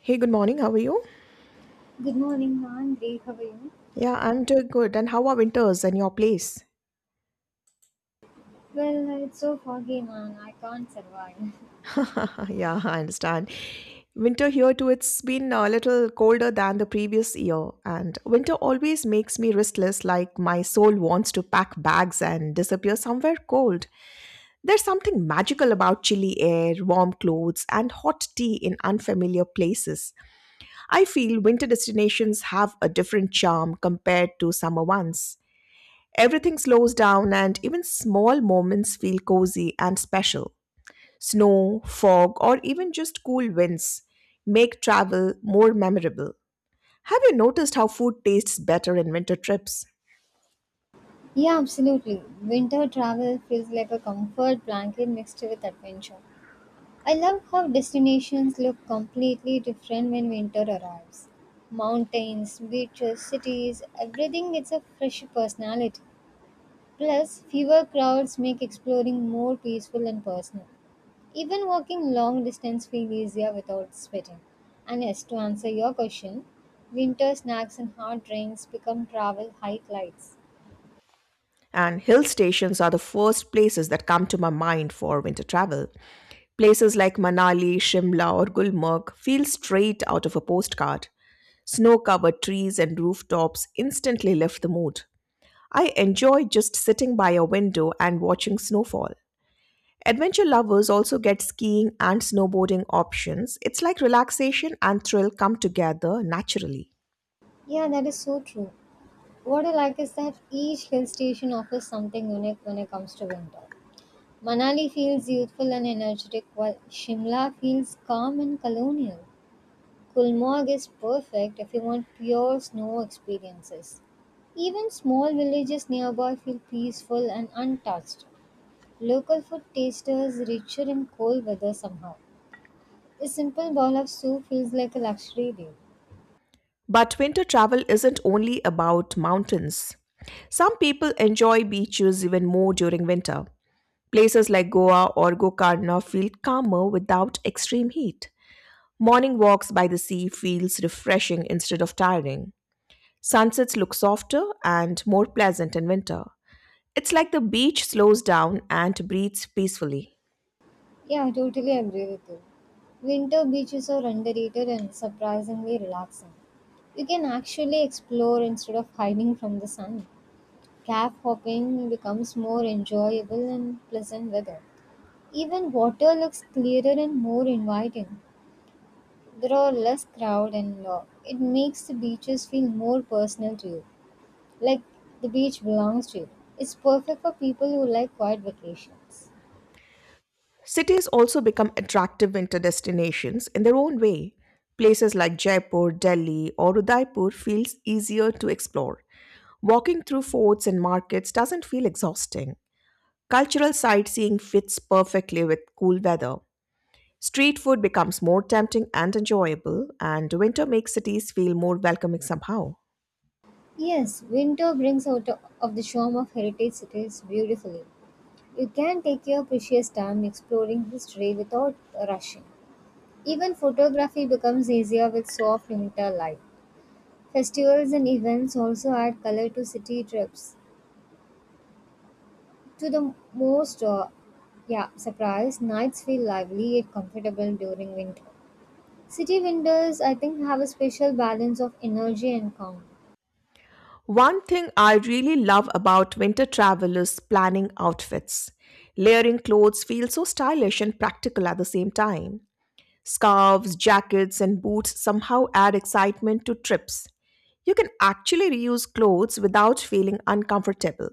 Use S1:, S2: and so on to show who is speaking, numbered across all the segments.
S1: Hey, good morning. How are you?
S2: Good morning, man. Great. How are you?
S1: Yeah, I'm doing good. And how are winters in your place?
S2: Well, it's so foggy, man. I can't survive.
S1: Yeah, I understand. Winter here too, it's been a little colder than the previous year. And winter always makes me restless, like my soul wants to pack bags and disappear somewhere cold. There's something magical about chilly air, warm clothes, and hot tea in unfamiliar places. I feel winter destinations have a different charm compared to summer ones. Everything slows down, and even small moments feel cozy and special. Snow, fog, or even just cool winds make travel more memorable. Have you noticed how food tastes better in winter trips?
S2: Yeah, absolutely. Winter travel feels like a comfort blanket mixed with adventure. I love how destinations look completely different when winter arrives. Mountains, beaches, cities, everything gets a fresh personality. Plus, fewer crowds make exploring more peaceful and personal. Even walking long distance feel easier without sweating. And yes, to answer your question, winter snacks and hot drinks become travel highlights.
S1: And hill stations are the first places that come to my mind for winter travel. Places like Manali, Shimla, or Gulmarg feel straight out of a postcard. Snow covered trees and rooftops instantly lift the mood. I enjoy just sitting by a window and watching snowfall. Adventure lovers also get skiing and snowboarding options. It's like relaxation and thrill come together naturally.
S2: Yeah, that is so true. What I like is that each hill station offers something unique when it comes to winter. Manali feels youthful and energetic, while Shimla feels calm and colonial. Kulmog is perfect if you want pure snow experiences. Even small villages nearby feel peaceful and untouched. Local food tasters richer in cold weather somehow. A simple bowl of soup feels like a luxury deal.
S1: But winter travel isn't only about mountains. Some people enjoy beaches even more during winter. Places like Goa or Gokarna feel calmer without extreme heat. Morning walks by the sea feels refreshing instead of tiring. Sunsets look softer and more pleasant in winter. It's like the beach slows down and breathes peacefully.
S2: Yeah, I totally agree with you. Winter beaches are underrated and surprisingly relaxing. You can actually explore instead of hiding from the sun. Cab hopping becomes more enjoyable in pleasant weather. Even water looks clearer and more inviting. There are less crowd, and it makes the beaches feel more personal to you. Like, the beach belongs to you. It's perfect for people who like quiet vacations.
S1: Cities also become attractive winter destinations in their own way. Places like Jaipur, Delhi, or Udaipur feels easier to explore. Walking through forts and markets doesn't feel exhausting. Cultural sightseeing fits perfectly with cool weather. Street food becomes more tempting and enjoyable, and winter makes cities feel more welcoming somehow.
S2: Yes, winter brings out of the charm of heritage cities beautifully. You can take your precious time exploring history without rushing. Even photography becomes easier with soft winter light. Festivals and events also add color to city trips. To the most Yeah, surprise, nights feel lively yet comfortable during winter. City winters, I think, have a special balance of energy and calm.
S1: One thing I really love about winter travel is planning outfits. Layering clothes feels so stylish and practical at the same time. Scarves, jackets, and boots somehow add excitement to trips. You can actually reuse clothes without feeling uncomfortable.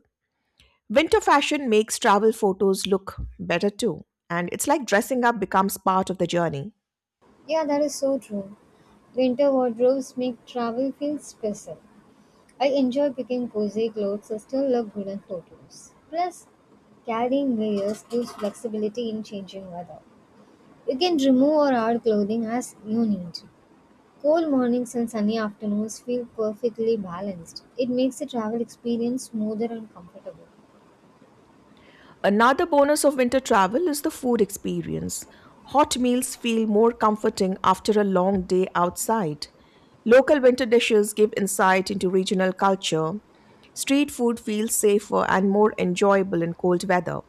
S1: Winter fashion makes travel photos look better too, and it's like dressing up becomes part of the journey.
S2: Yeah, that is so true. Winter wardrobes make travel feel special. I enjoy picking cozy clothes that still look good in photos. Plus, carrying layers gives flexibility in changing weather. You can remove or add clothing as you need. Cool mornings and sunny afternoons feel perfectly balanced. It makes the travel experience smoother and comfortable.
S1: Another bonus of winter travel is the food experience. Hot meals feel more comforting after a long day outside. Local winter dishes give insight into regional culture. Street food feels safer and more enjoyable in cold weather.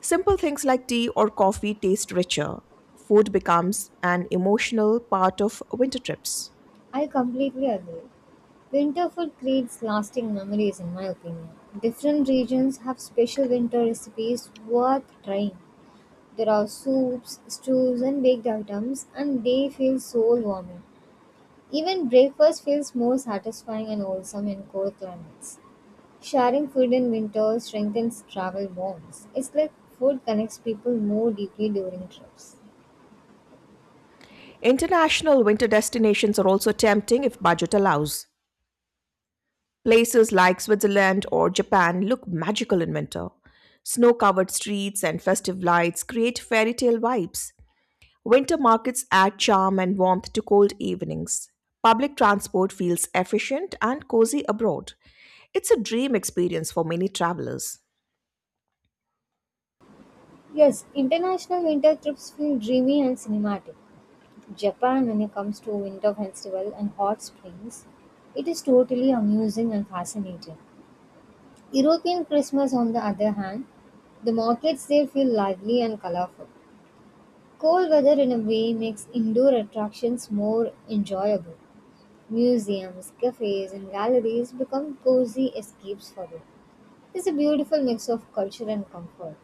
S1: Simple things like tea or coffee taste richer. Food becomes an emotional part of winter trips.
S2: I completely agree. Winter food creates lasting memories, in my opinion. Different regions have special winter recipes worth trying. There are soups, stews, and baked items, and they feel soul warming. Even breakfast feels more satisfying and wholesome in cold climates. Sharing food in winter strengthens travel bonds. It's like food connects people more deeply during trips.
S1: International winter destinations are also tempting if budget allows. Places like Switzerland or Japan look magical in winter. Snow covered streets and festive lights create fairy tale vibes. Winter markets add charm and warmth to cold evenings. Public transport feels efficient and cozy abroad. It's a dream experience for many travelers.
S2: Yes, international winter trips feel dreamy and cinematic. Japan, when it comes to winter festival and hot springs, it is totally amusing and fascinating. European Christmas, on the other hand, the markets there feel lively and colorful. Cold weather, in a way, makes indoor attractions more enjoyable. Museums, cafes, and galleries become cozy escapes for you. It's a beautiful mix of culture and comfort.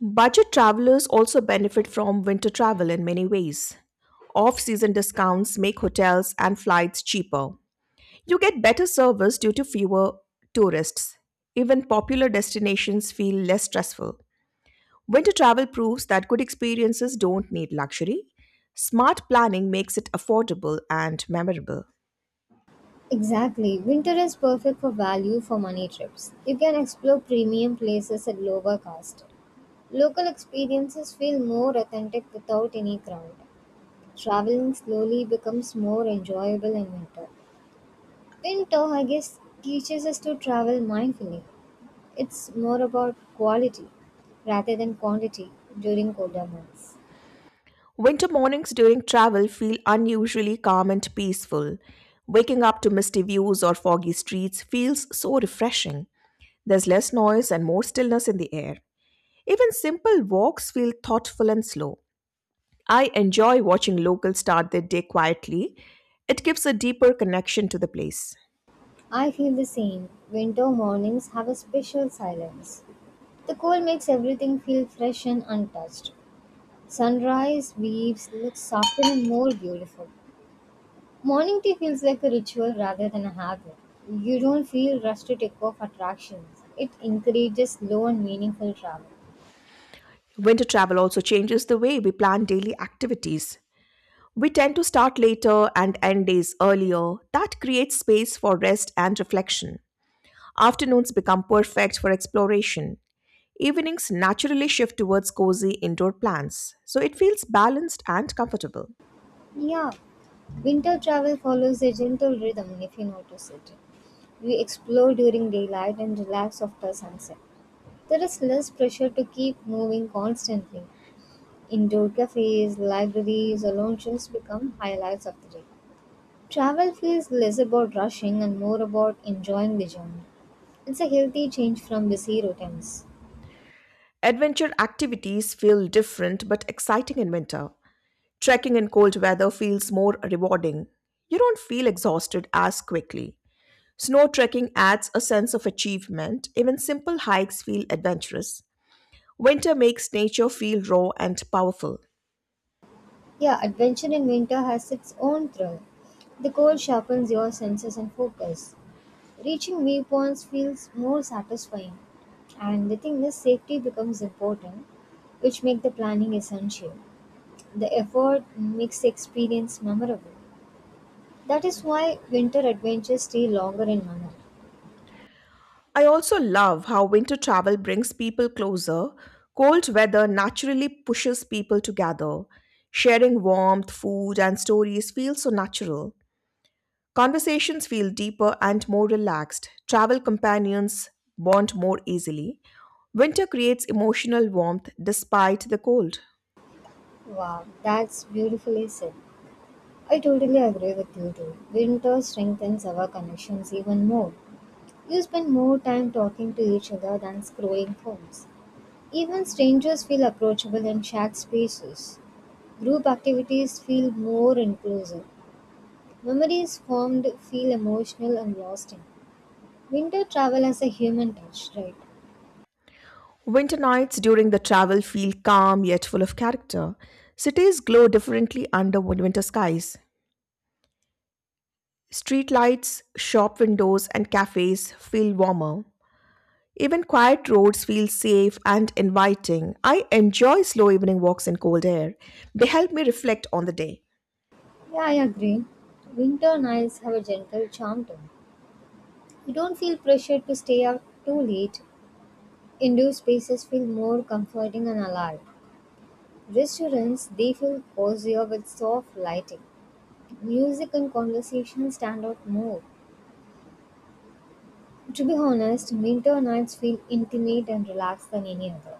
S1: Budget travelers also benefit from winter travel in many ways. Off season discounts make hotels and flights cheaper. You get better service due to fewer tourists. Even popular destinations feel less stressful. Winter travel proves that good experiences don't need luxury. Smart planning makes it affordable and memorable.
S2: Exactly, winter is perfect for value for money trips. You can explore premium places at lower cost. Local experiences feel more authentic without any crowd. Traveling slowly becomes more enjoyable in winter. Winter, I guess, teaches us to travel mindfully. It's more about quality rather than quantity during colder months.
S1: Winter mornings during travel feel unusually calm and peaceful. Waking up to misty views or foggy streets feels so refreshing. There's less noise and more stillness in the air. Even simple walks feel thoughtful and slow. I enjoy watching locals start their day quietly. It gives a deeper connection to the place.
S2: I feel the same. Winter mornings have a special silence. The cold makes everything feel fresh and untouched. Sunrise leaves look softer and more beautiful. Morning tea feels like a ritual rather than a habit. You don't feel rushed to take off attractions. It encourages slow and meaningful travel.
S1: Winter travel also changes the way we plan daily activities. We tend to start later and end days earlier. That creates space for rest and reflection. Afternoons become perfect for exploration. Evenings naturally shift towards cozy indoor plans, so it feels balanced and comfortable.
S2: Yeah, winter travel follows a gentle rhythm if you notice it. We explore during daylight and relax after sunset. There is less pressure to keep moving constantly. Indoor cafes, libraries, or lounges become highlights of the day. Travel feels less about rushing and more about enjoying the journey. It's a healthy change from busy routines.
S1: Adventure activities feel different but exciting in winter. Trekking in cold weather feels more rewarding. You don't feel exhausted as quickly. Snow trekking adds a sense of achievement. Even simple hikes feel adventurous. Winter makes nature feel raw and powerful.
S2: Yeah, adventure in winter has its own thrill. The cold sharpens your senses and focus. Reaching viewpoints feels more satisfying. And the thing is, safety becomes important, which make the planning essential. The effort makes the experience memorable. That is why winter adventures stay longer in memory.
S1: I also love how winter travel brings people closer. Cold weather naturally pushes people together. Sharing warmth, food, and stories feels so natural. Conversations feel deeper and more relaxed. Travel companions bond more easily. Winter creates emotional warmth despite the cold.
S2: Wow, that's beautifully said. I totally agree with you too. Winter strengthens our connections even more. You spend more time talking to each other than scrolling phones. Even strangers feel approachable in shared spaces. Group activities feel more inclusive. Memories formed feel emotional and lasting. Winter travel has a human touch, right?
S1: Winter nights during the travel feel calm yet full of character. Cities glow differently under winter skies. Street lights, shop windows, and cafes feel warmer. Even quiet roads feel safe and inviting. I enjoy slow evening walks in cold air. They help me reflect on the day.
S2: Yeah, I agree. Winter nights have a gentle charm to them. You don't feel pressured to stay out too late. Indoor spaces feel more comforting and alive. Restaurants, they feel cozier with soft lighting. Music and conversation stand out more. To be honest, winter nights feel intimate and relaxed than any other.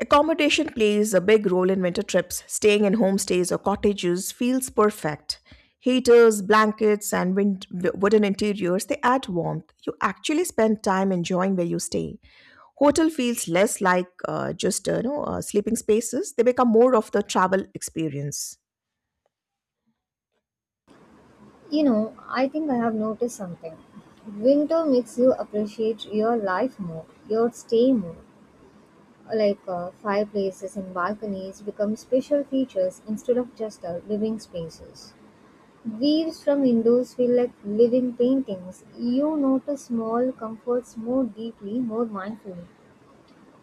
S1: Accommodation plays a big role in winter trips. Staying in homestays or cottages feels perfect. Heaters, blankets, and wooden interiors, they add warmth. You actually spend time enjoying where you stay. Hotel feels less like sleeping spaces. They become more of the travel experience.
S2: You know, I think I have noticed something. Winter makes you appreciate your life more, your stay more. Fireplaces and balconies become special features instead of just living spaces. Views from windows feel like living paintings. You notice small comforts more deeply, more mindfully.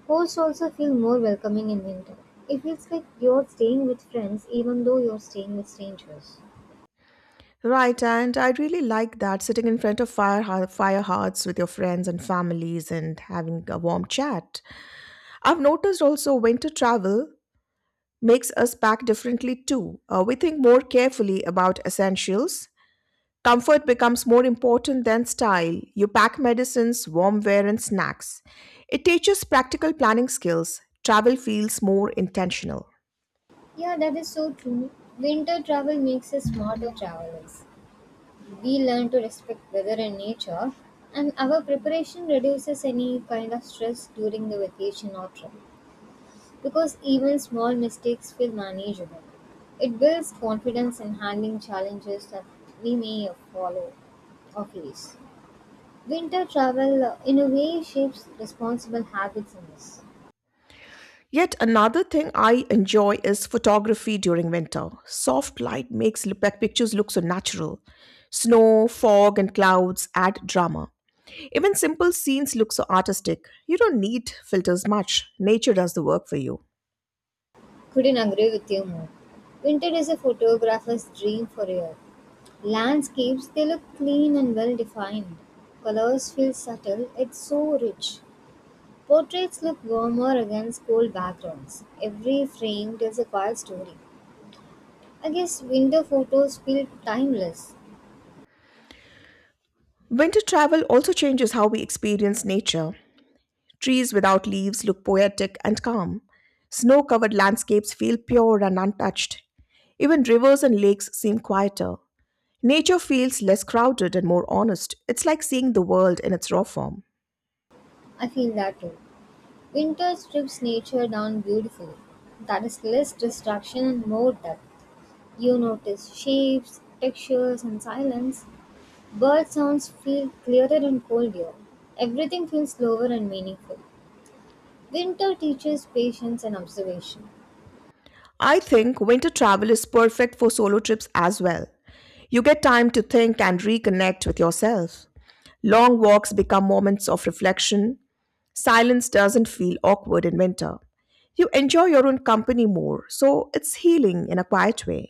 S2: Hosts also feel more welcoming in winter. It feels like you're staying with friends even though you're staying with strangers.
S1: Right, and I really like that sitting in front of fire hearths with your friends and families and having a warm chat. I've noticed also winter travel makes us pack differently too. We think more carefully about essentials. Comfort becomes more important than style. You pack medicines, warm wear, and snacks. It teaches practical planning skills. Travel feels more intentional.
S2: Yeah, that is so true. Winter travel makes us smarter travelers. We learn to respect weather and nature, and our preparation reduces any kind of stress during the vacation or trip. Because even small mistakes feel manageable, it builds confidence in handling challenges that we may follow or face. Winter travel, in a way, shapes responsible habits in us.
S1: Yet another thing I enjoy is photography during winter. Soft light makes pictures look so natural. Snow, fog, and clouds add drama. Even simple scenes look so artistic. You don't need filters much. Nature does the work for you.
S2: Couldn't agree with you more. Winter is a photographer's dream for real. Landscapes, they look clean and well defined. Colors feel subtle, it's so rich. Portraits look warmer against cold backgrounds. Every frame tells a quiet story. I guess winter photos feel timeless.
S1: Winter travel also changes how we experience nature. Trees without leaves look poetic and calm. Snow covered landscapes feel pure and untouched. Even rivers and lakes seem quieter. Nature feels less crowded and more honest. It's like seeing the world in its raw form.
S2: I feel that too. Winter strips nature down beautifully. That is less distraction and more depth. You notice shapes, textures, and silence. Bird sounds feel clearer and colder. Everything feels slower and meaningful. Winter teaches patience and observation.
S1: I think winter travel is perfect for solo trips as well. You get time to think and reconnect with yourself. Long walks become moments of reflection. Silence doesn't feel awkward in winter. You enjoy your own company more, so it's healing in a quiet way.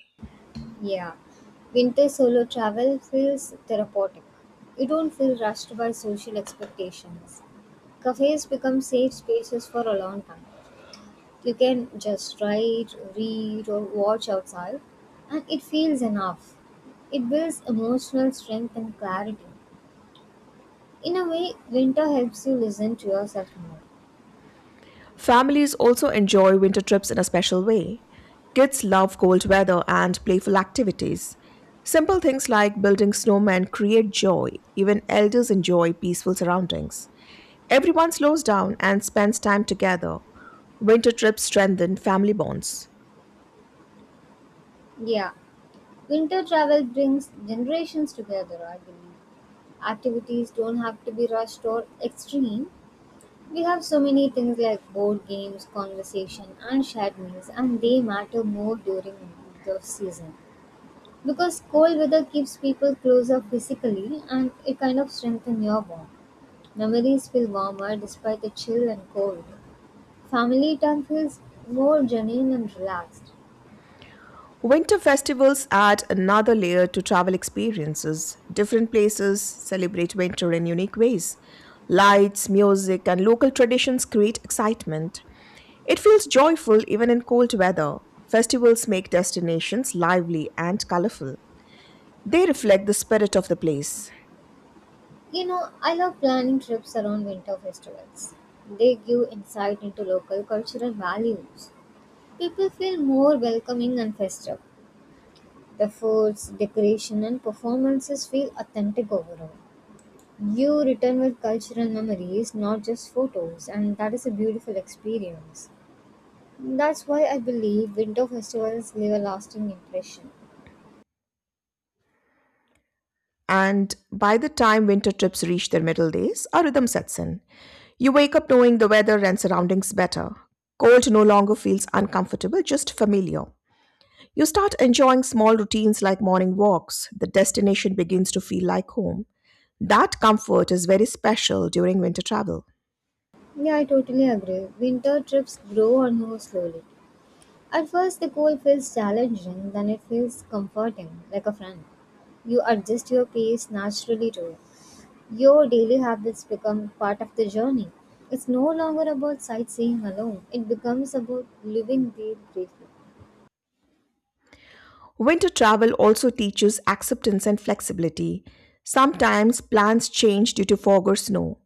S2: Yeah, winter solo travel feels therapeutic. You don't feel rushed by social expectations. Cafes become safe spaces for a long time. You can just write, read, or watch outside, and it feels enough. It builds emotional strength and clarity. In a way, winter helps you listen to yourself more.
S1: Families also enjoy winter trips in a special way. Kids love cold weather and playful activities. Simple things like building snowmen create joy. Even elders enjoy peaceful surroundings. Everyone slows down and spends time together. Winter trips strengthen family bonds.
S2: Yeah, winter travel brings generations together, I believe. Activities don't have to be rushed or extreme. We have so many things like board games, conversation, and shared meals, and they matter more during the season because cold weather keeps people closer physically and it kind of strengthens your bond. Memories feel warmer despite the chill and cold. Family time feels more genuine and relaxed.
S1: Winter festivals add another layer to travel experiences. Different places celebrate winter in unique ways. Lights, music, and local traditions create excitement. It feels joyful even in cold weather. Festivals make destinations lively and colorful. They reflect the spirit of the place.
S2: You know, I love planning trips around winter festivals. They give insight into local cultural values. People feel more welcoming and festive. The foods, decoration and performances feel authentic overall. You return with cultural memories, not just photos, and that is a beautiful experience. That's why I believe winter festivals leave a lasting impression.
S1: And by the time winter trips reach their middle days, a rhythm sets in. You wake up knowing the weather and surroundings better. Cold no longer feels uncomfortable, just familiar. You start enjoying small routines like morning walks. The destination begins to feel like home. That comfort is very special during winter travel.
S2: Yeah, I totally agree. Winter trips grow on you slowly. At first, the cold feels challenging, then it feels comforting, like a friend. You adjust your pace naturally to it. Your daily habits become part of the journey. It's no longer about sightseeing alone, it becomes about living there briefly.
S1: Winter travel also teaches acceptance and flexibility. Sometimes plans change due to fog or snow.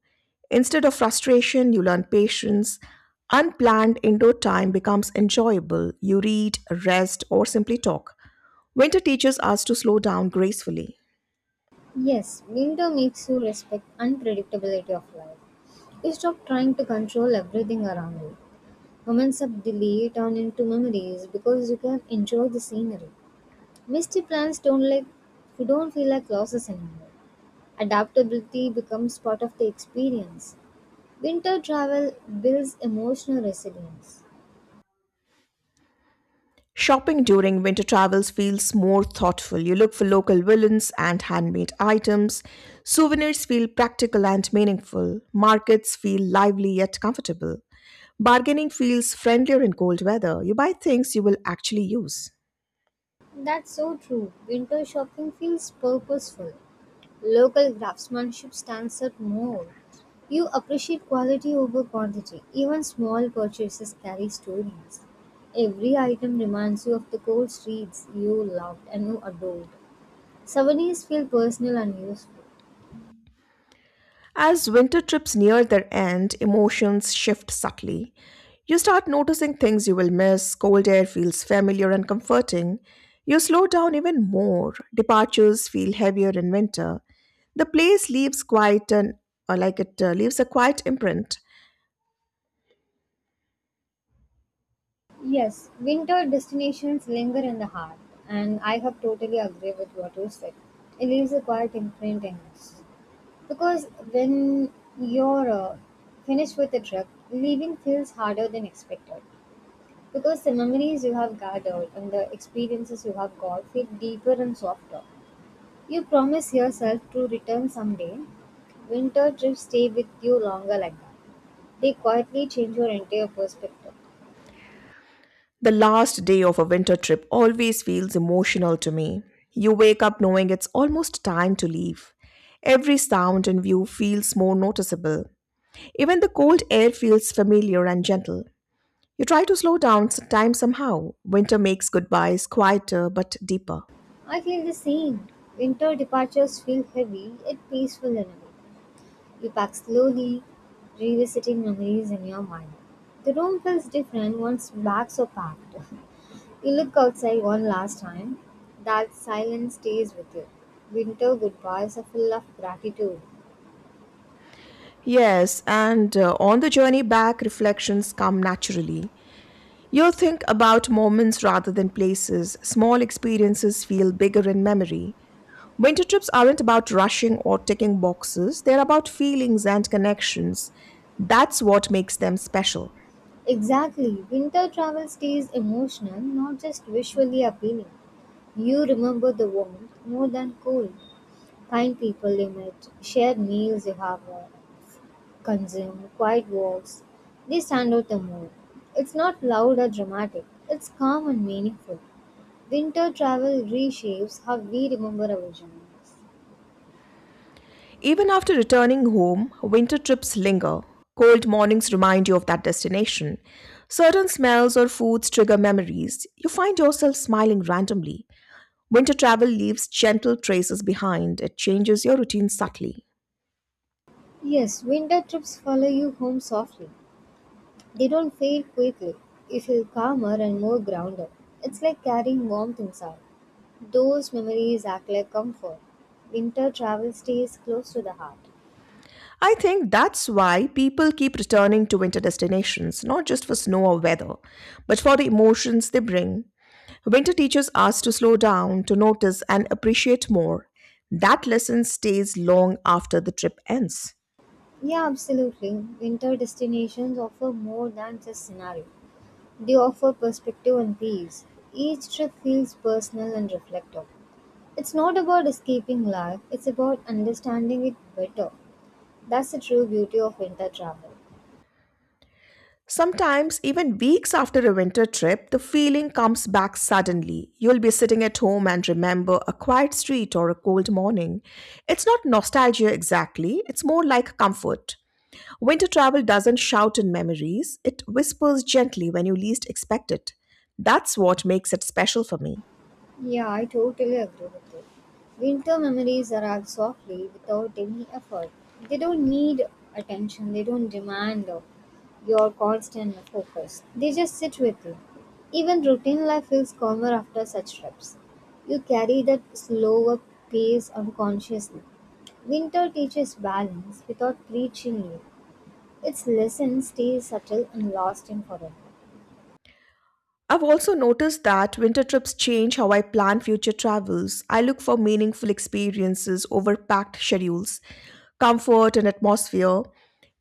S1: Instead of frustration, you learn patience. Unplanned indoor time becomes enjoyable. You read, rest, or simply talk. Winter teaches us to slow down gracefully.
S2: Yes, winter makes you respect unpredictability of life. You stop trying to control everything around you. Moments of delay turn into memories because you can enjoy the scenery. Misty plans don't like who don't feel like losses anymore. Adaptability becomes part of the experience. Winter travel builds emotional resilience.
S1: Shopping during winter travels feels more thoughtful. You look for local villains and handmade items. Souvenirs feel practical and meaningful. Markets feel lively yet comfortable. Bargaining feels friendlier in cold weather. You buy things you will actually use.
S2: That's so true. Winter shopping feels purposeful. Local craftsmanship stands out more. You appreciate quality over quantity. Even small purchases carry stories. Every item reminds you of the cold streets you loved and you adored. Souvenirs feel personal and useful.
S1: As winter trips near their end, emotions shift subtly. You start noticing things you will miss, cold air feels familiar and comforting. You slow down even more, departures feel heavier in winter. The place leaves quite an, or like it leaves a quiet imprint.
S2: Yes, winter destinations linger in the heart, and I have totally agree with what you said. It leaves a quiet imprint in us. Because when you're finished with the trip, leaving feels harder than expected. Because the memories you have gathered and the experiences you have got feel deeper and softer. You promise yourself to return someday. Winter trips stay with you longer like that. They quietly change your entire perspective.
S1: The last day of a winter trip always feels emotional to me. You wake up knowing it's almost time to leave. Every sound and view feels more noticeable. Even the cold air feels familiar and gentle. You try to slow down time somehow. Winter makes goodbyes quieter but deeper.
S2: I feel the same. Winter departures feel heavy yet peaceful in a way. You pack slowly, revisiting memories in your mind. The room feels different once bags are packed. You look outside one last time. That silence stays with you. Winter goodbyes are full of gratitude.
S1: Yes, and on the journey back, reflections come naturally. You'll think about moments rather than places. Small experiences feel bigger in memory. Winter trips aren't about rushing or ticking boxes, they're about feelings and connections. That's what makes them special.
S2: Exactly. Winter travel stays emotional, not just visually appealing. You remember the warmth more than cold. Kind people you met, shared meals you have had, consume quiet walks. They stand out the more. It's not loud or dramatic, it's calm and meaningful. Winter travel reshapes how we remember our journeys.
S1: Even after returning home, winter trips linger. Cold mornings remind you of that destination. Certain smells or foods trigger memories. You find yourself smiling randomly. Winter travel leaves gentle traces behind, it changes your routine subtly.
S2: Yes, winter trips follow you home softly. They don't fade quickly. You feel calmer and more grounded. It's like carrying warmth inside. Those memories act like comfort. Winter travel stays close to the heart.
S1: I think that's why people keep returning to winter destinations, not just for snow or weather, but for the emotions they bring. Winter teaches us to slow down, to notice, and appreciate more. That lesson stays long after the trip ends.
S2: Yeah, absolutely. Winter destinations offer more than just scenery. They offer perspective and peace. Each trip feels personal and reflective. It's not about escaping life, it's about understanding it better. That's the true beauty of winter travel.
S1: Sometimes, even weeks after a winter trip, the feeling comes back suddenly. You'll be sitting at home and remember a quiet street or a cold morning. It's not nostalgia exactly, it's more like comfort. Winter travel doesn't shout in memories, it whispers gently when you least expect it. That's what makes it special for me.
S2: Yeah, I totally agree with you. Winter memories arrive softly without any effort. They don't need attention, they don't demand your constant focus. They just sit with you. Even routine life feels calmer after such trips. You carry that slower pace unconsciously. Winter teaches balance without preaching you. Its lesson stays subtle and lasting forever.
S1: I've also noticed that winter trips change how I plan future travels. I look for meaningful experiences over packed schedules. Comfort and atmosphere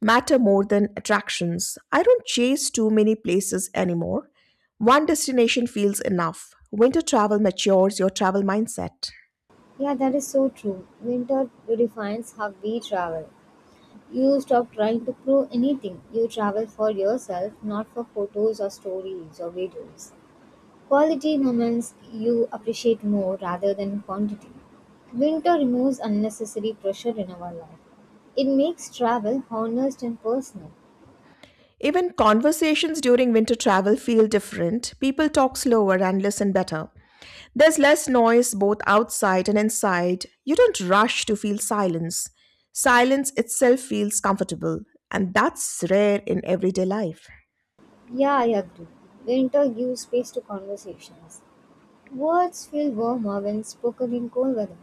S1: matter more than attractions. I don't chase too many places anymore. One destination feels enough. Winter travel matures your travel mindset.
S2: Yeah, that is so true. Winter redefines how we travel. You stop trying to prove anything. You travel for yourself, not for photos or stories or videos. Quality moments you appreciate more rather than quantity. Winter removes unnecessary pressure in our life. It makes travel honest and personal.
S1: Even conversations during winter travel feel different. People talk slower and listen better. There's less noise both outside and inside. You don't rush to feel silence. Silence itself feels comfortable, and that's rare in everyday life.
S2: Yeah, I agree. Winter gives space to conversations. Words feel warmer when spoken in cold weather.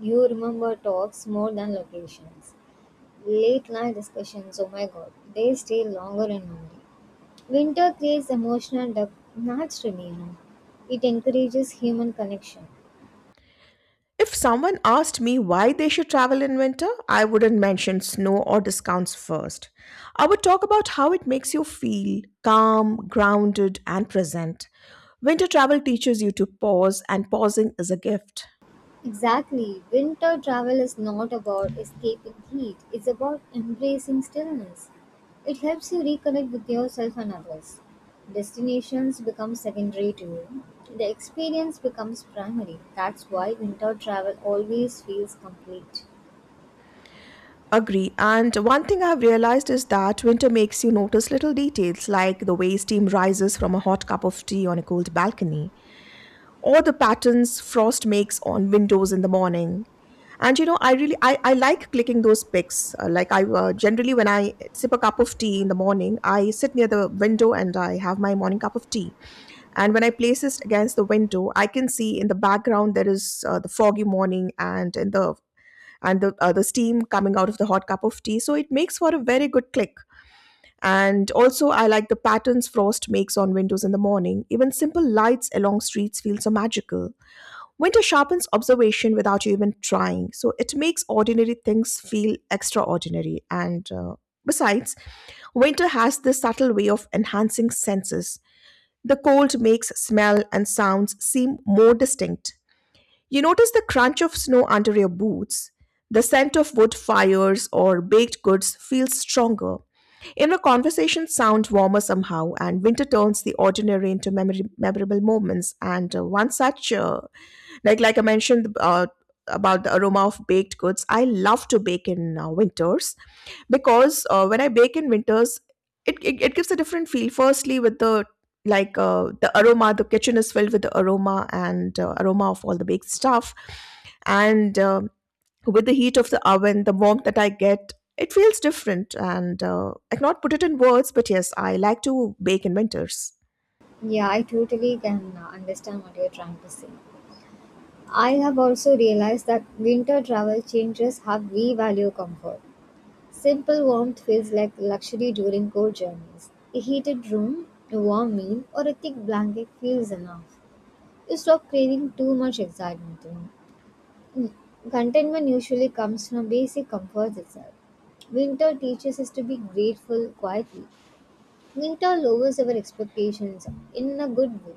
S2: You remember talks more than locations. Late night discussions, oh my god, they stay longer in memory. Winter creates emotional depth naturally, you know. It encourages human connection.
S1: If someone asked me why they should travel in winter, I wouldn't mention snow or discounts first. I would talk about how it makes you feel calm, grounded, and present. Winter travel teaches you to pause, and pausing is a gift.
S2: Exactly, winter travel is not about escaping heat, it's about embracing stillness. It helps you reconnect with yourself and others. Destinations become secondary to you. The experience becomes primary. That's why winter travel always feels complete.
S1: Agree. And one thing I've realized is that winter makes you notice little details like the way steam rises from a hot cup of tea on a cold balcony or the patterns frost makes on windows in the morning. And you know, I really I like clicking those pics. Like I generally when I sip a cup of tea in the morning, I sit near the window and I have my morning cup of tea. And when I place it against the window, I can see in the background there is the foggy morning and in the and the the steam coming out of the hot cup of tea. So it makes for a very good click. And also, I like the patterns frost makes on windows in the morning. Even simple lights along streets feel so magical. Winter sharpens observation without you even trying. So it makes ordinary things feel extraordinary. And besides, winter has this subtle way of enhancing senses. The cold makes smell and sounds seem more distinct. You notice the crunch of snow under your boots. The scent of wood fires or baked goods feels stronger. Inner conversations sound warmer somehow, and winter turns the ordinary into memorable moments. And one such, like I mentioned about the aroma of baked goods, I love to bake in winters because when I bake in winters, it gives a different feel. Firstly, with the like the aroma, the kitchen is filled with the aroma and aroma of all the baked stuff and with the heat of the oven, the warmth that I get, it feels different. And I cannot put it in words, but yes, I like to bake in winters.
S2: Yeah, I totally can understand what you're trying to say. I have also realized that winter travel changes how we value comfort. Simple warmth feels like luxury during cold journeys. A heated room, a warm meal, or a thick blanket feels enough. You stop craving too much excitement, you know. Contentment usually comes from basic comforts itself. Winter teaches us to be grateful quietly. Winter lowers our expectations in a good way.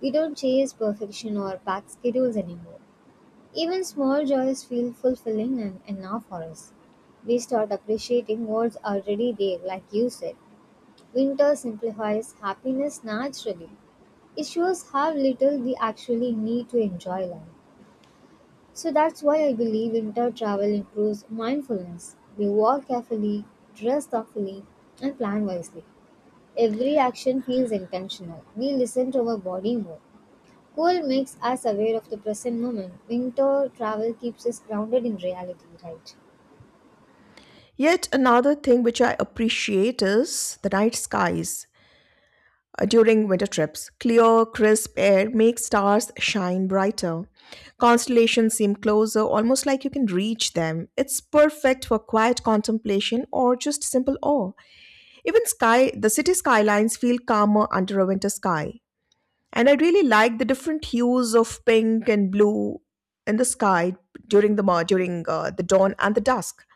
S2: We don't chase perfection or pack schedules anymore. Even small joys feel fulfilling and enough for us. We start appreciating what's already there, like you said. Winter simplifies happiness naturally. It shows how little we actually need to enjoy life. So that's why I believe winter travel improves mindfulness. We walk carefully, dress thoughtfully, and plan wisely. Every action feels intentional. We listen to our body more. Cool makes us aware of the present moment. Winter travel keeps us grounded in reality, right?
S1: Yet another thing which I appreciate is the night skies during winter trips. Clear crisp air makes stars shine brighter. Constellations seem closer, almost like you can reach them. It's perfect for quiet contemplation or just simple awe. Even sky the city skylines feel calmer under a winter sky. And I really like the different hues of pink and blue in the sky during the dawn and the dusk.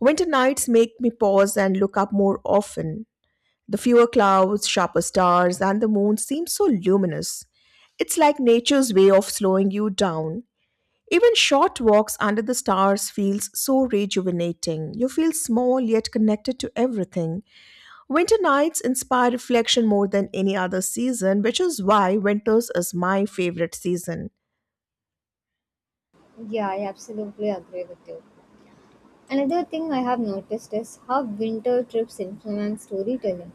S1: Winter nights make me pause and look up more often. The fewer clouds, sharper stars, and the moon seem so luminous. It's like nature's way of slowing you down. Even short walks under the stars feels so rejuvenating. You feel small yet connected to everything. Winter nights inspire reflection more than any other season, which is why winters is my favorite season.
S2: Yeah, I absolutely agree with you. Another thing I have noticed is how winter trips influence storytelling.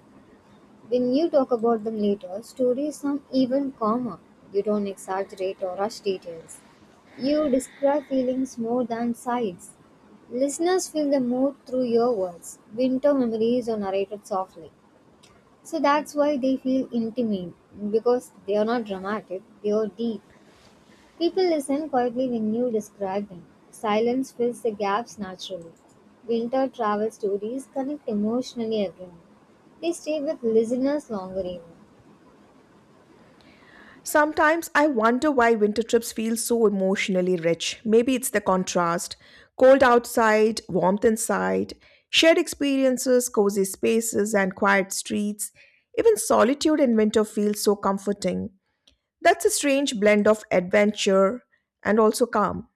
S2: When you talk about them later, stories sound even calmer. You don't exaggerate or rush details. You describe feelings more than sights. Listeners feel the mood through your words. Winter memories are narrated softly. So that's why they feel intimate because they are not dramatic, they are deep. People listen quietly when you describe them. Silence fills the gaps naturally. Winter travel stories connect emotionally everyone. They stay with listeners longer even.
S1: Sometimes I wonder why winter trips feel so emotionally rich. Maybe it's the contrast: cold outside, warmth inside, shared experiences, cozy spaces, and quiet streets. Even solitude in winter feels so comforting. That's a strange blend of adventure and also calm.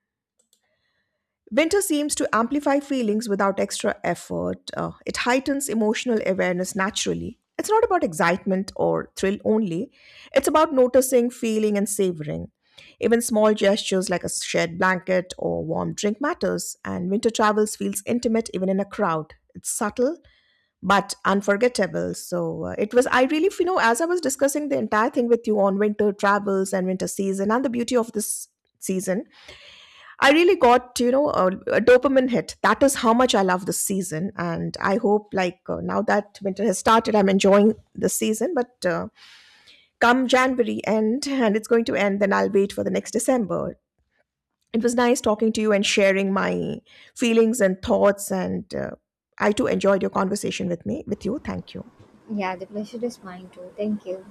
S1: Winter seems to amplify feelings without extra effort. It heightens emotional awareness naturally. It's not about excitement or thrill only, it's about noticing, feeling, and savoring. Even small gestures like a shared blanket or warm drink matters, and winter travels feels intimate even in a crowd. It's subtle but unforgettable. It was, I really, you know, as I was discussing the entire thing with you on winter travels and winter season and the beauty of this season, I really got, you know, a dopamine hit. That is how much I love this season. And I hope, now that winter has started, I'm enjoying the season. But Come January end, and it's going to end, then I'll wait for the next December. It was nice talking to you and sharing my feelings and thoughts. And I too enjoyed your conversation with me, with you. Thank you.
S2: Yeah, the pleasure is mine too. Thank you.